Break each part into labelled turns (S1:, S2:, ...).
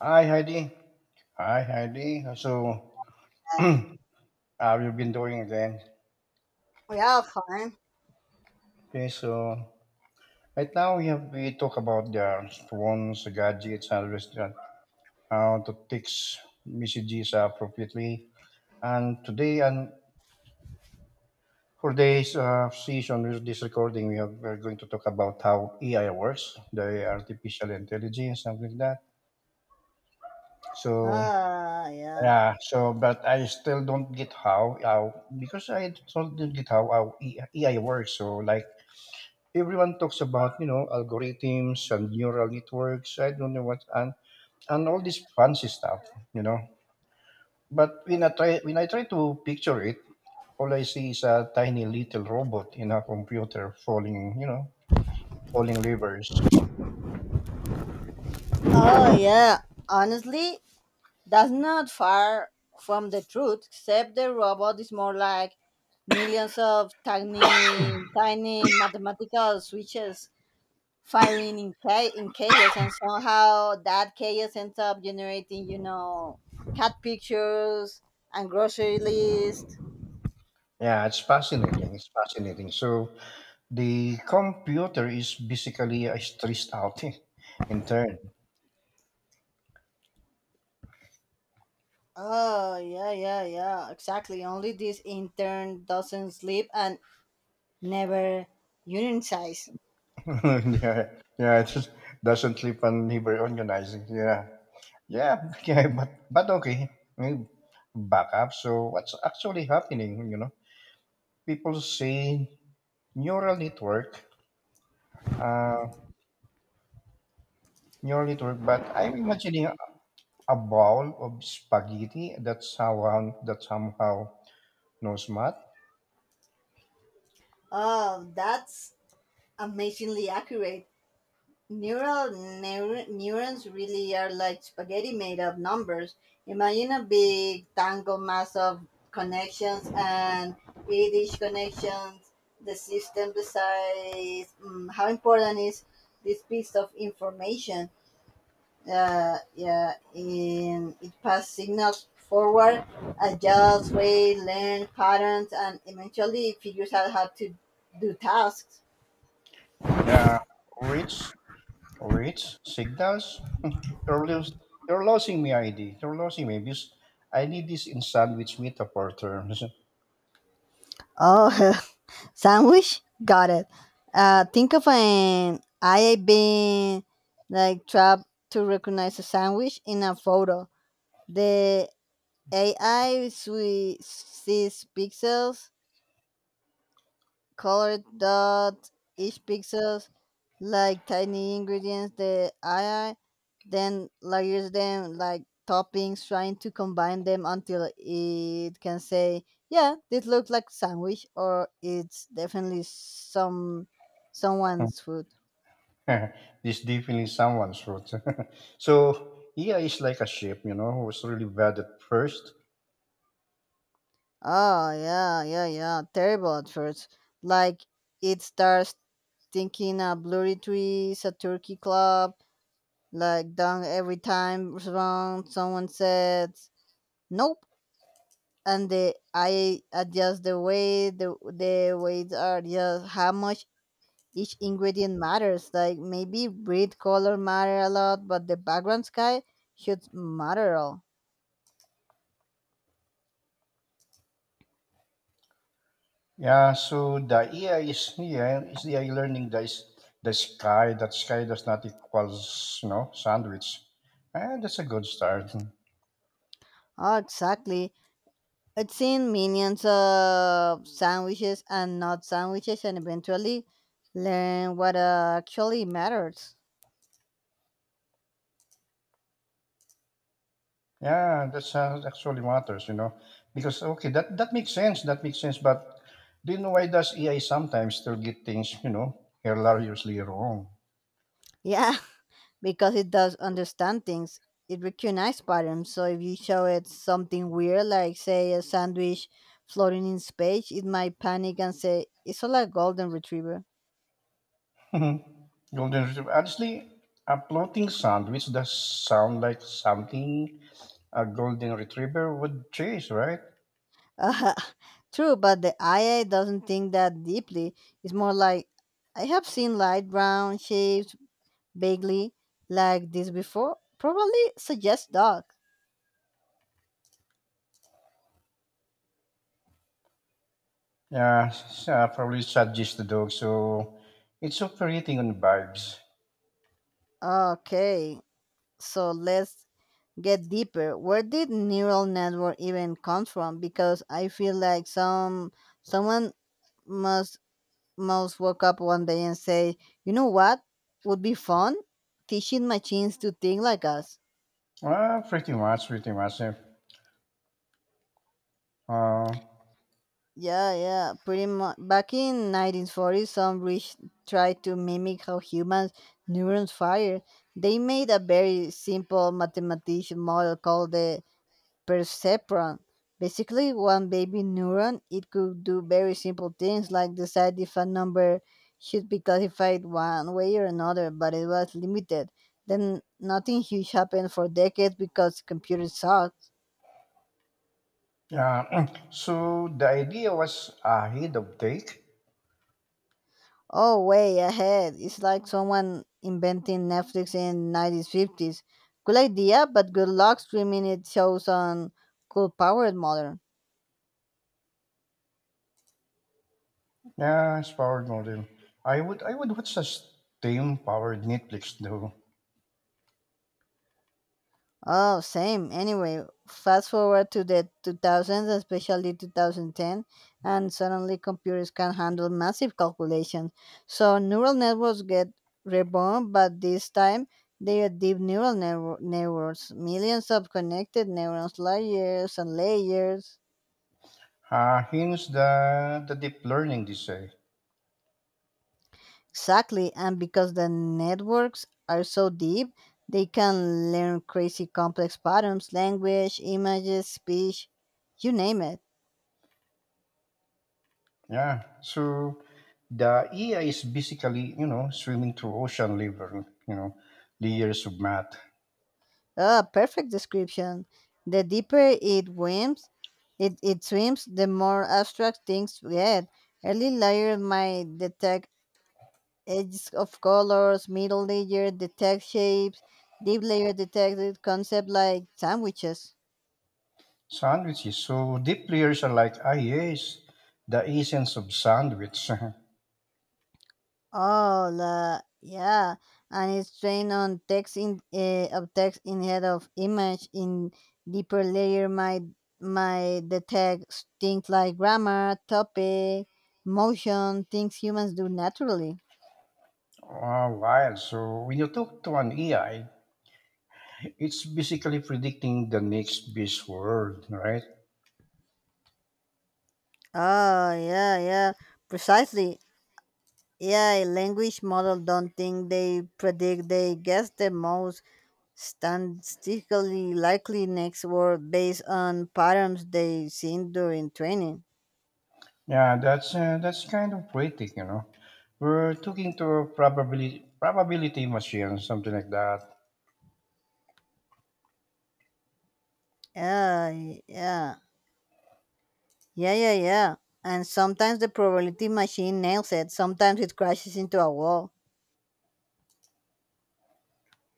S1: Hi, Heidi. So,
S2: Then.
S1: uh, we've been doing again.
S2: Yeah, fine.
S1: Okay, so right now we have we talk about the phones, the gadgets, and restaurant, how to text messages appropriately. And today, and for today's session with this recording, we're going to talk about how AI works, the artificial intelligence, something like that. So
S2: Ah, yeah.
S1: yeah, so but I still don't get how because I still don't get how AI works. So like everyone talks about algorithms and neural networks, I don't know what, and all this fancy stuff, you know but when I try to picture it, all I see is a tiny little robot in a computer falling, falling levers.
S2: Oh, yeah. Honestly, that's not far from the truth, except the robot is more like millions of tiny, tiny mathematical switches firing in chaos, and somehow that chaos ends up generating, cat pictures and grocery lists.
S1: Yeah, it's fascinating. So the computer is basically stressed out in turn.
S2: Oh, yeah, yeah, yeah, exactly. Only this intern doesn't sleep and never unitize.
S1: Yeah, yeah, it just doesn't sleep and never organizing, yeah. Yeah, yeah, but okay. I mean, Back up. So what's actually happening? You know, people say neural network, uh, neural network, but I'm imagining a bowl of spaghetti that somehow knows math.
S2: Oh, that's amazingly accurate. Neurons really are like spaghetti made of numbers. Imagine a big tangled mass of connections, and with each connections, the system decides how important is this piece of information. Yeah, in it passed signals forward, adjusts weight, length, patterns, and eventually it figures out how to do tasks.
S1: Yeah, rich, rich signals. You're lose, you're losing me, ID. You're losing me because I need this in sandwich metaphor terms.
S2: Oh, sandwich? Got it. Think of an I being like trapped to recognize a sandwich in a photo. The AI sees pixels, colored dot each pixels like tiny ingredients. The AI then layers them like toppings, trying to combine them until it can say, yeah, this looks like sandwich, or it's definitely someone's food.
S1: This definitely someone's route. So AI is like a ship, you know, was really bad at first.
S2: Oh, yeah, yeah, yeah, terrible at first. Like, it starts thinking a blurry trees a turkey club, like done every time wrong someone said nope. And the I adjust the way the weights are just how much each ingredient matters. Like maybe breed color matter a lot, but the background sky should matter all.
S1: Yeah, so the AI is, yeah, is the AI learning that is the sky. That sky does not equals, you know, sandwich. And that's a good start.
S2: Oh, exactly. I've seen millions of sandwiches and not sandwiches, and eventually learn what actually matters.
S1: Yeah, that's actually matters, you know. Because okay, that makes sense. That makes sense. But do you know why does AI sometimes still get things, you know, hilariously wrong?
S2: Yeah, because it does understand things. It recognizes patterns. So if you show it something weird, like say a sandwich floating in space, it might panic and say it's all a golden retriever.
S1: Golden retriever. Honestly, a floating sandwich does sound like something a golden retriever would chase, right?
S2: Uh, true, but the IA doesn't think that deeply. It's more like I have seen light brown shapes vaguely like this before. Probably suggest dog.
S1: Yeah, probably suggest the dog. So it's operating on vibes.
S2: Okay, so let's get deeper. Where did neural network even come from? Because I feel like someone must must woke up one day and say, you know what would be fun? Teaching machines to think like us.
S1: Pretty much. Eh. Uh,
S2: Yeah, yeah, pretty much. Back in 1940, some rich tried to mimic how humans neurons fire. They made a very simple mathematical model called the perceptron. Basically, one baby neuron, it could do very simple things like decide if a number should be classified one way or another, but it was limited. Then nothing huge happened for decades because computers sucked.
S1: yeah. So the idea was ahead of take.
S2: Oh, way ahead. It's like someone inventing Netflix in 1950s. Cool idea, but good luck streaming it shows on cool powered modern.
S1: Yeah, it's powered modem. I would watch a steam powered Netflix though.
S2: Oh, same. Anyway, fast forward to the 2000s, especially 2010, and suddenly computers can handle massive calculations. So neural networks get reborn, but this time they are deep neural networks, millions of connected neurons, layers and layers.
S1: Hence the deep learning they say.
S2: Exactly, and because the networks are so deep, they can learn crazy complex patterns, language, images, speech, you name it.
S1: Yeah. So the AI is basically, you know, swimming through ocean level, you know, layers of math
S2: Ah, perfect description. The deeper it swims, it swims, the more abstract things get. Early layer might detect edges of colors, middle layer detect shapes, deep layer detected concepts like sandwiches.
S1: sandwiches. So deep layers are like, ah, yes, the essence of sandwich.
S2: Oh, la, yeah, and it's trained on text in of text instead of image in deeper layer might detect things like grammar, topic, motion, things humans do naturally.
S1: Oh, wild. So when you talk to an AI, it's basically predicting the next best word, right?
S2: Oh, yeah, yeah, precisely. Yeah, a language model don't think they predict. They guess the most statistically likely next word based on patterns they seen during training.
S1: Yeah, that's kind of poetic, you know. We're talking to a probability machine, something like that.
S2: Yeah, yeah, yeah, yeah, yeah. And sometimes the probability machine nails it. Sometimes it crashes into a wall.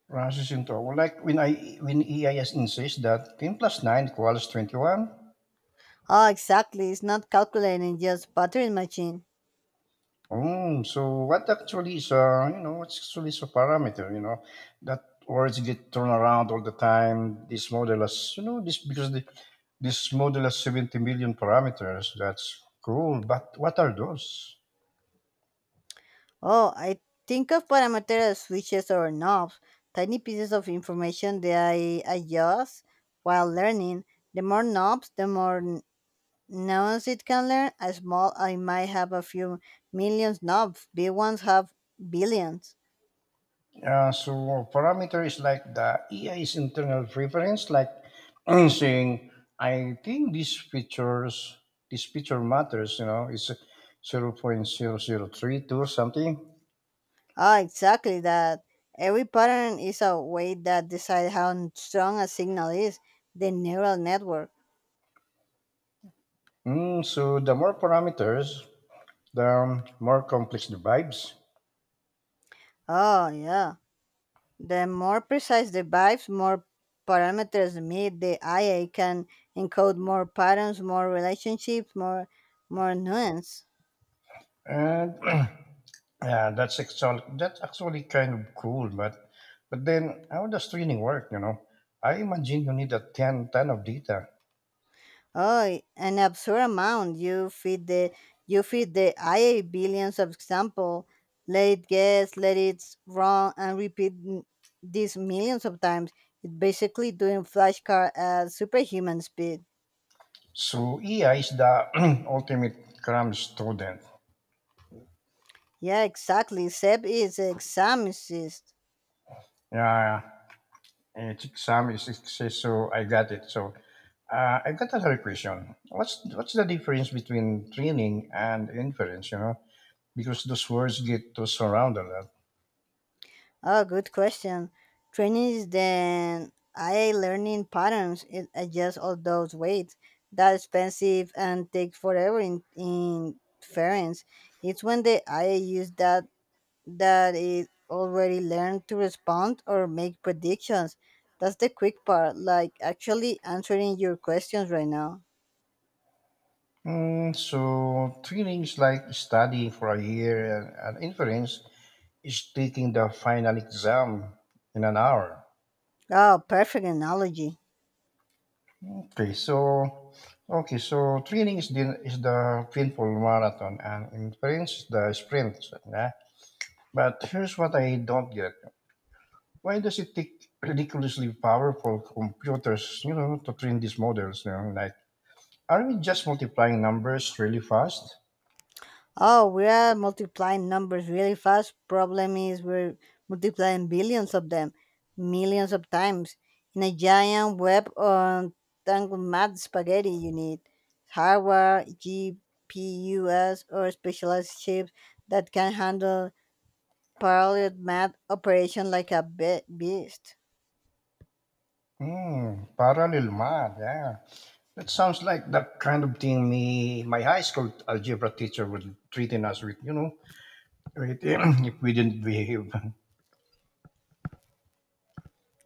S1: Processing tower. Like when EIS insists that 10 plus 9 equals 21.
S2: Oh, exactly. It's not calculating, just buttering machine.
S1: So what actually is you know what's actually is a parameter, you know, that words get thrown around all the time. This model has, you know, this model has 70 million parameters. That's cool, but what are those?
S2: Oh, I think of parameter as switches or knobs, tiny pieces of information that I adjust while learning. The more knobs, the more knobs it can learn. A small, I might have a few millions knobs. Big ones have billions.
S1: So parameter is like the EI's internal preference, like saying, I think this feature matters, you know, it's 0.0032 something.
S2: Ah, exactly that. Every pattern is a way that decides how strong a signal is. The neural network.
S1: Mm, so the more parameters, the more complex the vibes.
S2: Oh, yeah. The more precise the vibes, more parameters meet. The IA can encode more patterns, more relationships, more nuance.
S1: And yeah, that's actually kind of cool, but then how does training work, you know? I imagine you need a 10, 10 of data.
S2: Oh, an absurd amount. You feed the AI billions of example, let it guess, let it wrong, and repeat this millions of times. It's basically doing flashcard at superhuman speed.
S1: So EI is the ultimate cram student.
S2: Yeah, exactly. Seb is examicist.
S1: Yeah, it's exam is success, so I got it. So I got another question. What's the difference between training and inference? You know, because those words get tossed around a lot.
S2: Oh, good question. Training is then I learning patterns. It adjusts all those weights. That's expensive and takes forever in inference. It's when the AI use that it already learned to respond or make predictions. That's the quick part, like actually answering your questions right now.
S1: Mm, so training is like studying for a year, and inference is taking the final exam in an hour.
S2: Oh, perfect analogy.
S1: Okay, so okay, so training is the painful marathon, and endurance is the sprint. So, yeah? But here's what I don't get: why does it take ridiculously powerful computers, you know, to train these models? You know, like, are we just multiplying numbers really fast?
S2: Oh, we are multiplying numbers really fast. Problem is, we're multiplying billions of them, millions of times, in a giant web of tangled mad spaghetti. You need hardware, GPUs, or specialized chips that can handle parallel math operation like a beast.
S1: Hmm, parallel math. Yeah, that sounds like the kind of thing me my high school algebra teacher would treating us with. You know, with if we didn't behave.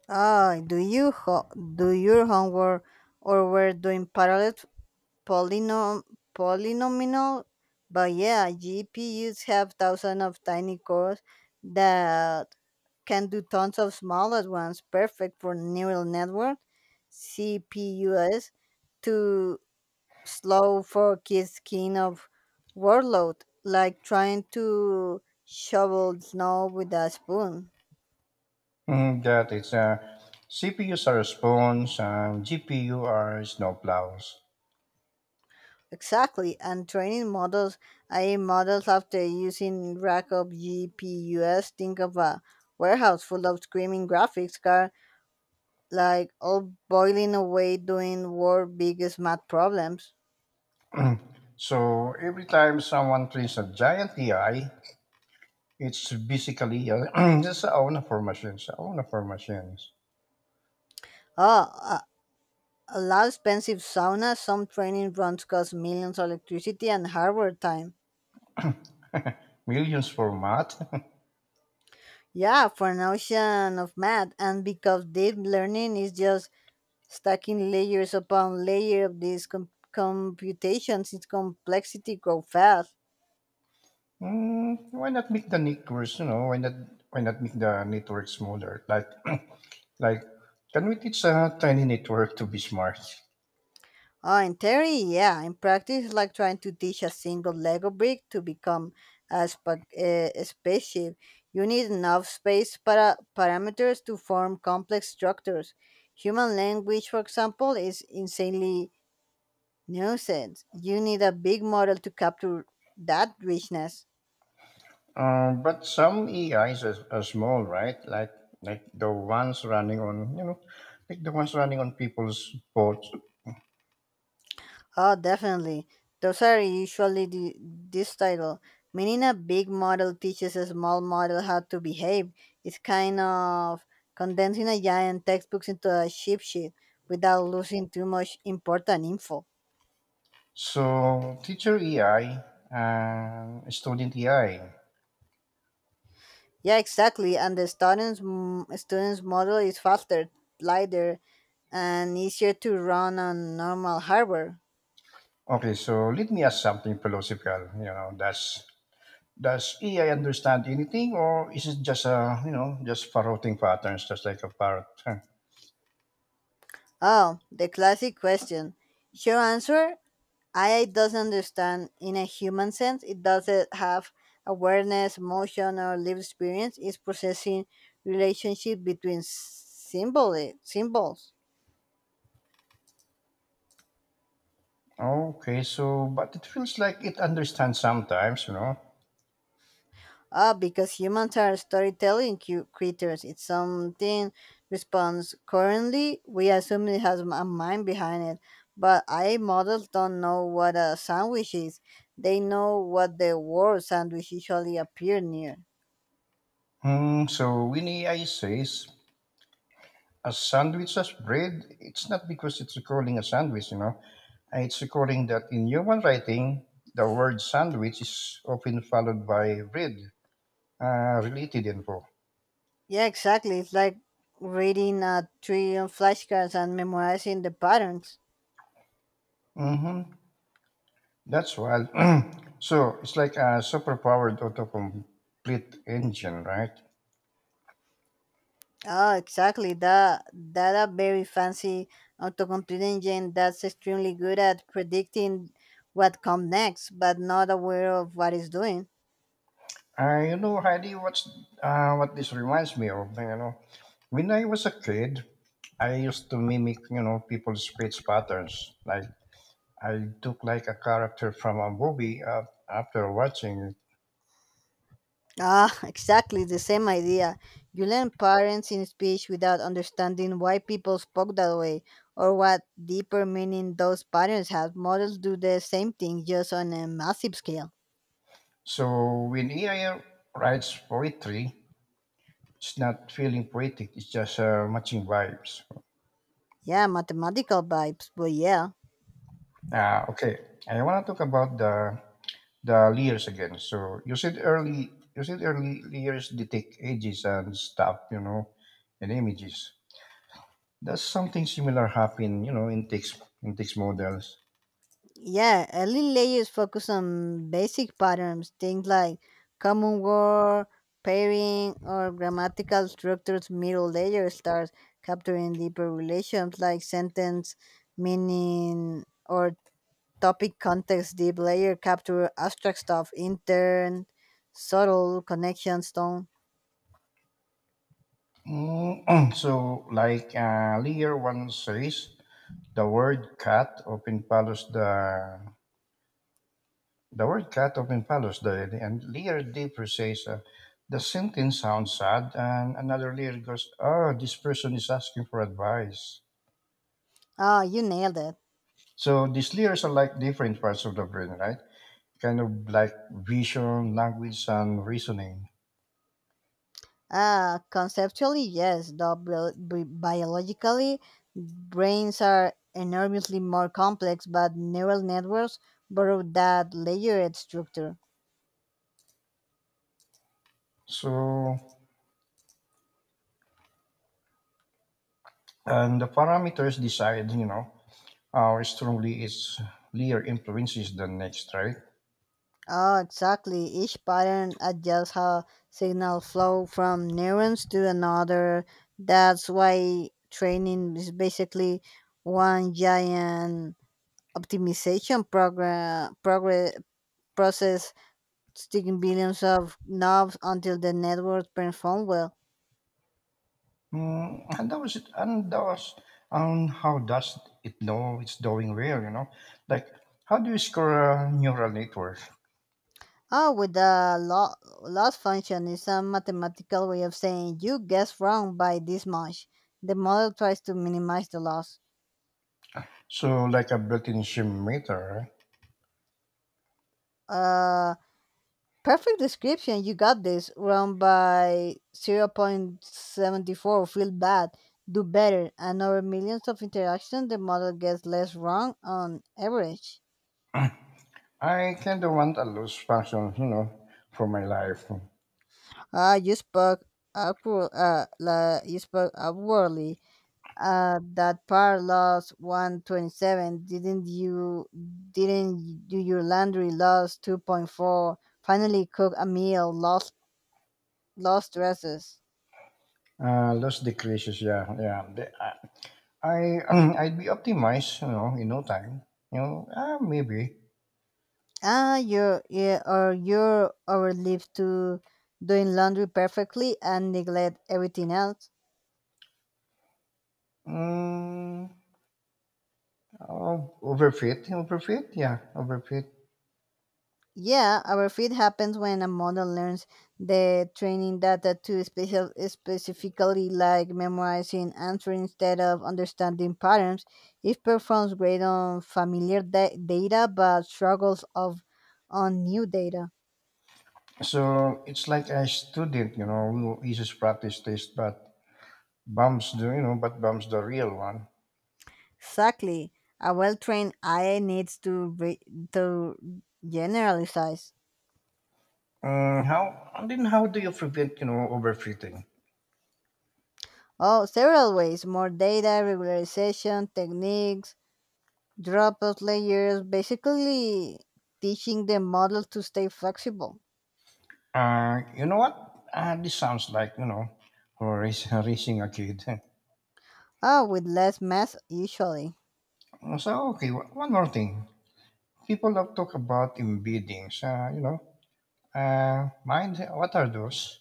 S2: Oh, do your homework, or we're doing parallel polynom- polynomial. But yeah, GPUs have thousands of tiny cores that can do tons of smaller ones, perfect for neural network. CPUs too slow for kids' skin of workload, like trying to shovel snow with a spoon.
S1: Mm, that is, CPUs are spoons and GPU are snowplows.
S2: Exactly, and training models, AI models after using Rackup GPUs. Think of a warehouse full of screaming graphics card, like all boiling away doing world biggest math problems.
S1: So every time someone cleans a giant AI, it's basically just a own for machines, a own for machines.
S2: Oh, a, a lot expensive sauna. Some training runs cost millions of electricity and hardware time.
S1: Millions for math.
S2: Yeah, for an ocean of math, and because deep learning is just stacking layers upon layer of these computations, its complexity grow fast.
S1: Mm, why not make the networks, you know, why not make the network smaller? Like, like, can we teach a tiny network to be smart?
S2: Oh, in theory, yeah. In practice, it's like trying to teach a single Lego brick to become a spaceship. You need enough space parameters to form complex structures. Human language, for example, is insanely nuanced. You need a big model to capture that richness.
S1: But some AIs are small, right? Like the ones running on you know, like the ones running on people's boards.
S2: Oh, definitely. Those are usually this title. Meaning a big model teaches a small model how to behave. It's kind of condensing a giant textbook into a cheat sheet without losing too much important info.
S1: So teacher AI and student AI.
S2: Yeah, exactly. And the students model is faster, lighter, and easier to run on normal hardware.
S1: Okay, so let me ask something philosophical. You know, does AI understand anything, or is it just a, you know, just parroting patterns, just like a parrot? Huh.
S2: Oh, the classic question. Sure answer AI doesn't understand in a human sense. It doesn't have awareness, emotion, or lived experience. It's processing relationship between symbols.
S1: Okay, so but it feels like it understands sometimes, you know.
S2: Ah, because humans are storytelling creatures. It's something responds currently. We assume it has a mind behind it, but AI models don't know what a sandwich is. They know what the word sandwich usually appear near.
S1: Hmm, so when AI says a sandwich as bread, it's not because it's recalling a sandwich, you know. It's recalling that in human writing, the word sandwich is often followed by bread, related info.
S2: Yeah, exactly. It's like reading a trillion flashcards and memorizing the patterns.
S1: Mm-hmm. That's wild. So it's like a superpowered autocomplete engine, right?
S2: Oh, exactly. That a very fancy autocomplete engine that's extremely good at predicting what comes next, but not aware of what it's doing.
S1: You know, Heidi, what this reminds me of, you know, when I was a kid, I used to mimic, you know, people's speech patterns, like I took like a character from a movie after watching it.
S2: Ah, exactly the same idea. You learn patterns in speech without understanding why people spoke that way or what deeper meaning those patterns have. Models do the same thing just on a massive scale.
S1: So when AI writes poetry, it's not feeling poetic. It's just matching vibes.
S2: Yeah, mathematical vibes, but yeah.
S1: Ah, okay, I want to talk about the layers again. So you said early layers detect ages and stuff, you know, and images. Does something similar happen, you know, in text models?
S2: Yeah, early layers focus on basic patterns, things like common word, pairing, or grammatical structures. Middle layer starts capturing deeper relations like sentence, meaning, or topic context. Deep layer capture abstract stuff, intern, subtle connections, tone.
S1: Mm, so like layer one says the word "cat" open follows the word cat open palos the, and layer "d" precise. The sentence sounds sad, and another layer goes, "Oh, this person is asking for advice."
S2: Ah, you nailed it.
S1: So these layers are like different parts of the brain, right? Kind of like vision, language, and reasoning.
S2: Ah, conceptually, yes, though biologically, brains are enormously more complex, but neural networks borrow that layered structure.
S1: So, and the parameters decide, you know, how strongly each layer influences the next, right?
S2: Oh, exactly. Each pattern adjusts how signal flow from neurons to another. That's why training is basically one giant optimization program progress process sticking billions of knobs until the network performs well.
S1: Mm, and that was it. And that was, how does it know it's doing well? You know, like how do you score a neural network?
S2: Oh, with the loss function is a mathematical way of saying you guessed wrong by this much. The model tries to minimize the loss.
S1: So like a built-in gym meter,
S2: Uh, Perfect description. You got this wrong by zero point 0.74. Feel bad. Do better. And over millions of interactions, the model gets less wrong on average.
S1: I kind of want a loose function, you know, for my life.
S2: Ah, you spoke upwardly. That parallax 127, didn't you? Didn't do your laundry, lost 2.4. Finally cook a meal, lost dresses.
S1: Loose decreases, yeah, yeah. I I'd be optimized, you know, in no time. You know, ah, maybe.
S2: Ah, you're yeah, or you're overlived to doing laundry perfectly and neglect everything else.
S1: Mm, oh, yeah, overfit.
S2: Yeah, our feed happens when a model learns the training data to specifically like memorizing answers instead of understanding patterns. It performs great on familiar data but struggles of on new data.
S1: So it's like a student, you know, who uses practice test, but bumps the, you know, but bumps the real one.
S2: Exactly. A well-trained AI needs to generalize.
S1: How and then how do you prevent, you know, overfitting?
S2: Oh, several ways: more data, regularization techniques, dropout layers, basically teaching the model to stay flexible.
S1: You know what? This sounds like, you know, or raising a kid.
S2: Ah, with less math usually.
S1: So okay, one more thing. People have talked about embeddings. You know, mind. What are those?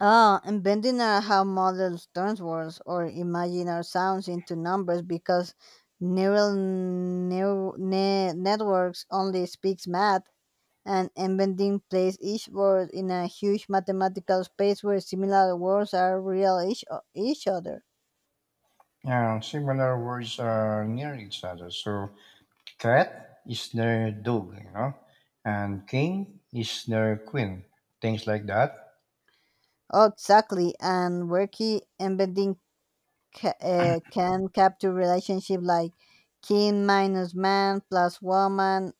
S2: Ah, and bending are how models turn words or imaginary sounds into numbers because neural networks only speaks math and embedding places each word in a huge mathematical space where similar words are real each other.
S1: Similar words are near each other, so threat is their dog, you know, and king is their queen, things like that.
S2: Oh, exactly. And where key embedding can capture relationship like king minus man plus woman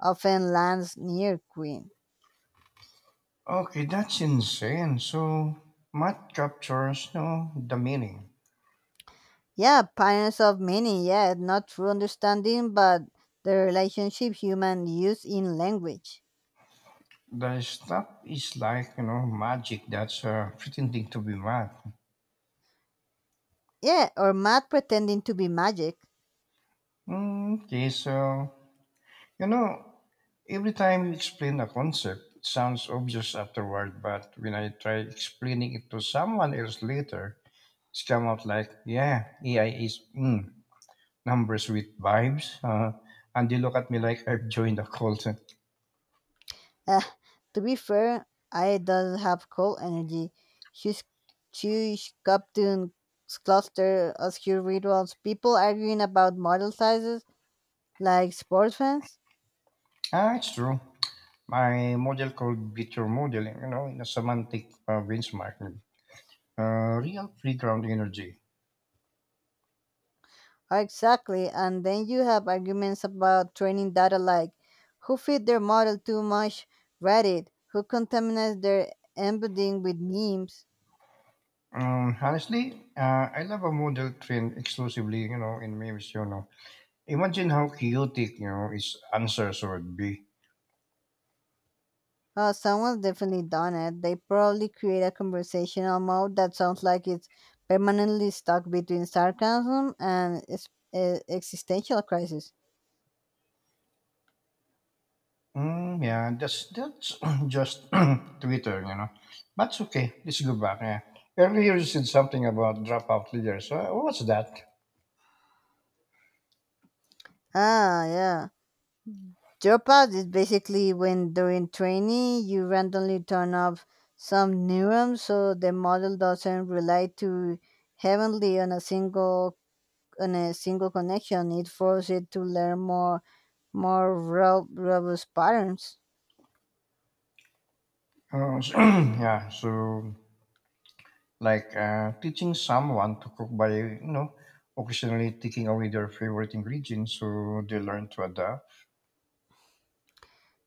S2: often lands near queen.
S1: Okay, that's insane. So math captures, you know, the meaning.
S2: Yeah, parents of meaning, yeah, not true understanding, but the relationship human use in language.
S1: The stuff is like, you know, magic that's pretending to be math.
S2: Yeah, or math pretending to be magic.
S1: Mm, okay, so, you know, every time you explain a concept, it sounds obvious afterward, but when I try explaining it to someone else later, it's come out like, yeah, AI is, mm, numbers with vibes. And they look at me like I've joined a cult.
S2: Uh, to be fair, I does have cold energy. She's she's captain cluster obscure rituals, people arguing about model sizes like sports fans.
S1: Ah, it's true. My model called Victor Modeling, you know, in a semantic benchmark. Uh, real playground energy.
S2: Exactly. And then you have arguments about training data like who feed their model too much Reddit, who contaminates their embedding with memes.
S1: Honestly, I love a model trained exclusively, you know, in memes, you know. Imagine how chaotic, you know, its answers would be.
S2: Oh, someone's definitely done it. They probably create a conversational mode that sounds like it's permanently stuck between sarcasm and existential crisis.
S1: Mm, yeah, that's just Twitter, you know. But it's okay. Let's go back. Yeah. Earlier you said something about dropout leaders. What's that?
S2: Ah, yeah. Dropout is basically when during training you randomly turn off some neurons so the model doesn't rely too heavily on a single connection. It forces it to learn more robust patterns.
S1: So, yeah, so like teaching someone to cook by, you know, occasionally taking away their favorite ingredients so they learn to adapt.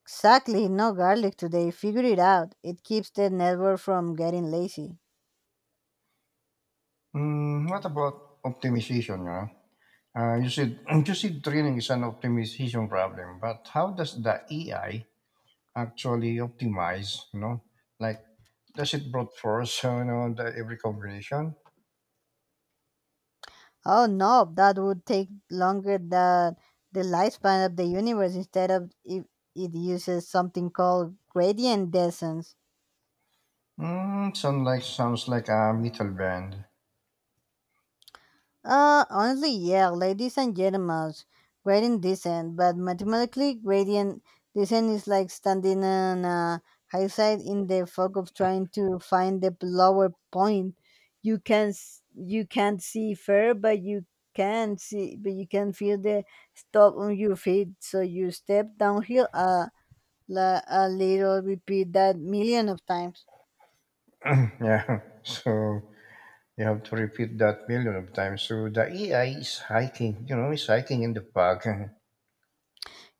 S2: Exactly, no garlic today. Figure it out. It keeps the network from getting lazy.
S1: Mm, what about optimization? You know, you said you said training is an optimization problem, but how does the AI actually optimize? You know, like does it brute force? You know, every combination.
S2: Oh no, that would take longer than the lifespan of the universe. Instead of it, it uses something called gradient descent.
S1: Mm, sounds like a metal band.
S2: Honestly, yeah, ladies and gentlemen, gradient descent. But mathematically, gradient descent is like standing on a high side in the fog of trying to find the lower point. You can't see fair, but you can see, but you can feel the stop on your feet. So you step downhill a little, repeat that million of times.
S1: Yeah. So you have to repeat that million of times. So the AI is hiking, you know, it's hiking in the park.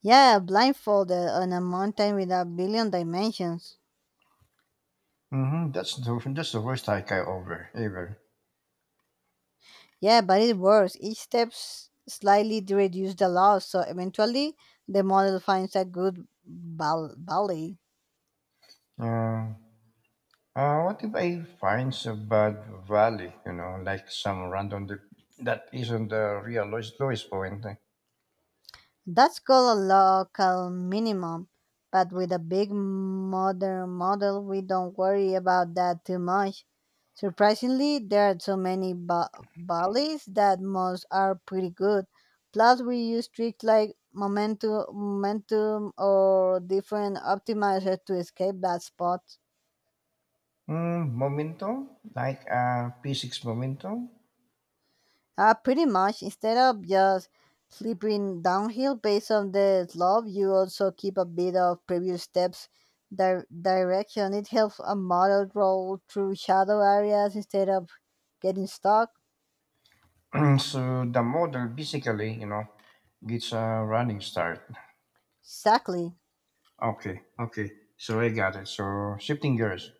S2: Yeah, blindfolded on a mountain with a billion dimensions.
S1: Hmm, that's the worst hike I ever ever.
S2: Yeah, but it works. Each step slightly reduce the loss, so eventually the model finds a good balance.
S1: Uh, what if I find a bad valley? You know, like some random that isn't the real lowest point.
S2: That's called a local minimum. But with a big modern model, we don't worry about that too much. Surprisingly, there are so many bodies that most are pretty good. Plus, we use tricks like momentum, or different optimizers to escape that spot.
S1: Mm, momentum, like P6 momentum.
S2: Pretty much. Instead of just slipping downhill based on the slope, you also keep a bit of previous steps direction. It helps a model roll through shadow areas instead of getting stuck.
S1: So the model basically, you know, gets a running start.
S2: Exactly.
S1: Okay, okay. So I got it. So shifting gears.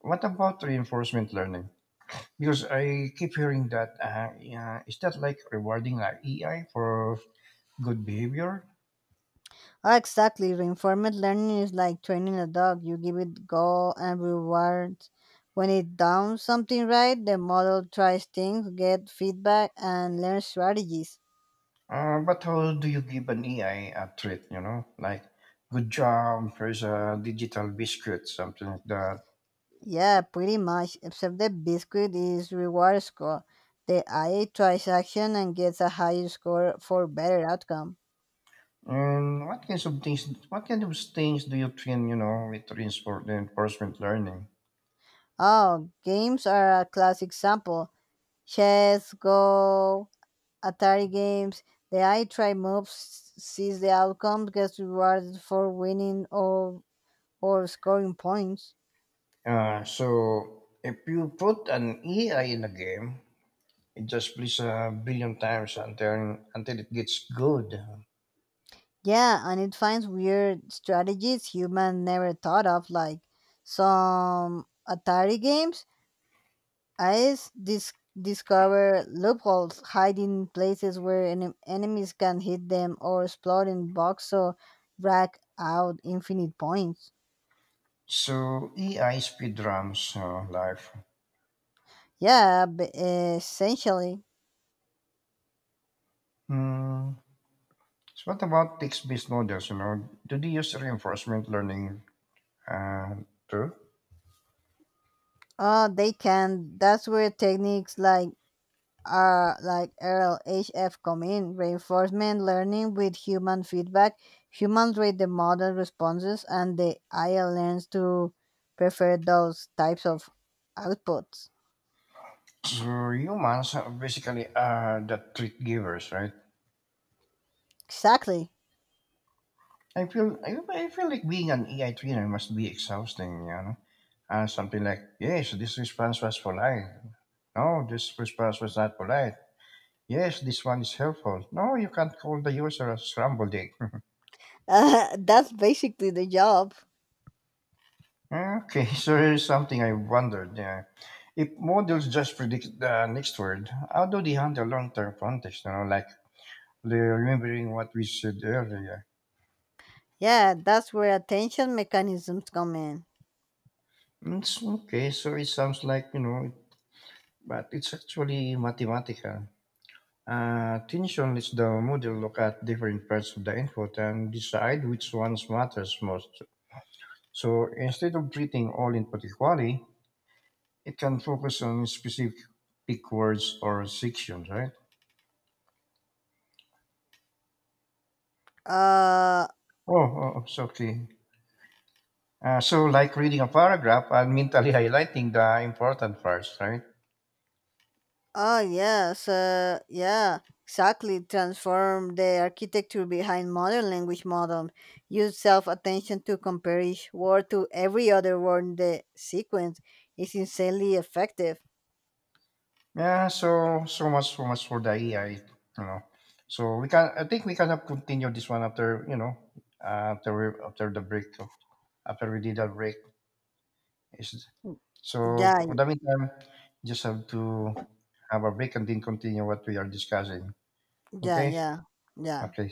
S1: What about reinforcement learning? Because I keep hearing that, yeah, is that like rewarding an AI for good behavior?
S2: Ah, exactly. Reinforcement learning is like training a dog. You give it goal and rewards. When it does something right, the model tries things, get feedback, and learn strategies.
S1: But how do you give an AI a treat? You know, like good job, here's a digital biscuit, something like that.
S2: Yeah, pretty much, except the biscuit is reward score. The I tries action and gets a higher score for better outcome.
S1: And what kinds of things? What kind of things do you train? You know, with reinforcement learning.
S2: Oh, games are a classic example. Chess, Go, Atari games. The I try moves sees the outcome gets rewarded for winning or scoring points.
S1: So if you put an AI in a game, it just plays a billion times until it gets good.
S2: Yeah, and it finds weird strategies human never thought of, like some Atari games Eyes discover loopholes, hiding places where enemies can hit them, or exploring bugs so rack out infinite points.
S1: So AI speed runs life.
S2: Yeah, essentially.
S1: Hmm. So what about text-based models? You know, do they use reinforcement learning uh, too?
S2: They can. That's where techniques like RLHF come in. Reinforcement learning with human feedback. Humans rate the model responses, and the AI learns to prefer those types of outputs.
S1: So humans are basically the treat givers, right?
S2: Exactly.
S1: I feel like being an AI trainer must be exhausting, you know. Something like, yes, this response was polite. No, this response was not polite. Yes, this one is helpful. No, you can't call the user a scrambled egg.
S2: That's basically the job.
S1: Okay, so here's something I wondered. Yeah. If models just predict the next word, how do they handle long-term context? You know, like they're remembering what we said earlier.
S2: Yeah, that's where attention mechanisms come in.
S1: It's okay, so it sounds like, you know, but it's actually mathematical. Attention lets the model look at different parts of the input and decide which ones matters most. So instead of treating all input equally, it can focus on specific words or sections, right?
S2: Uh,
S1: Oh, absolutely. So, like reading a paragraph and mentally highlighting the important parts, right?
S2: oh, yes, yeah, exactly. Transform the architecture behind modern language models. Use self attention to compare each word to every other word in the sequence. It's insanely effective.
S1: Yeah. So, so much for the AI. You know. So we can. I think we can have continue this one after, you know, after the break after we did a break. Is-
S2: Yeah,
S1: for the meantime, just have to have a break and then continue what we are discussing.
S2: yeah,
S1: Okay.
S2: yeah, yeah.
S1: Okay.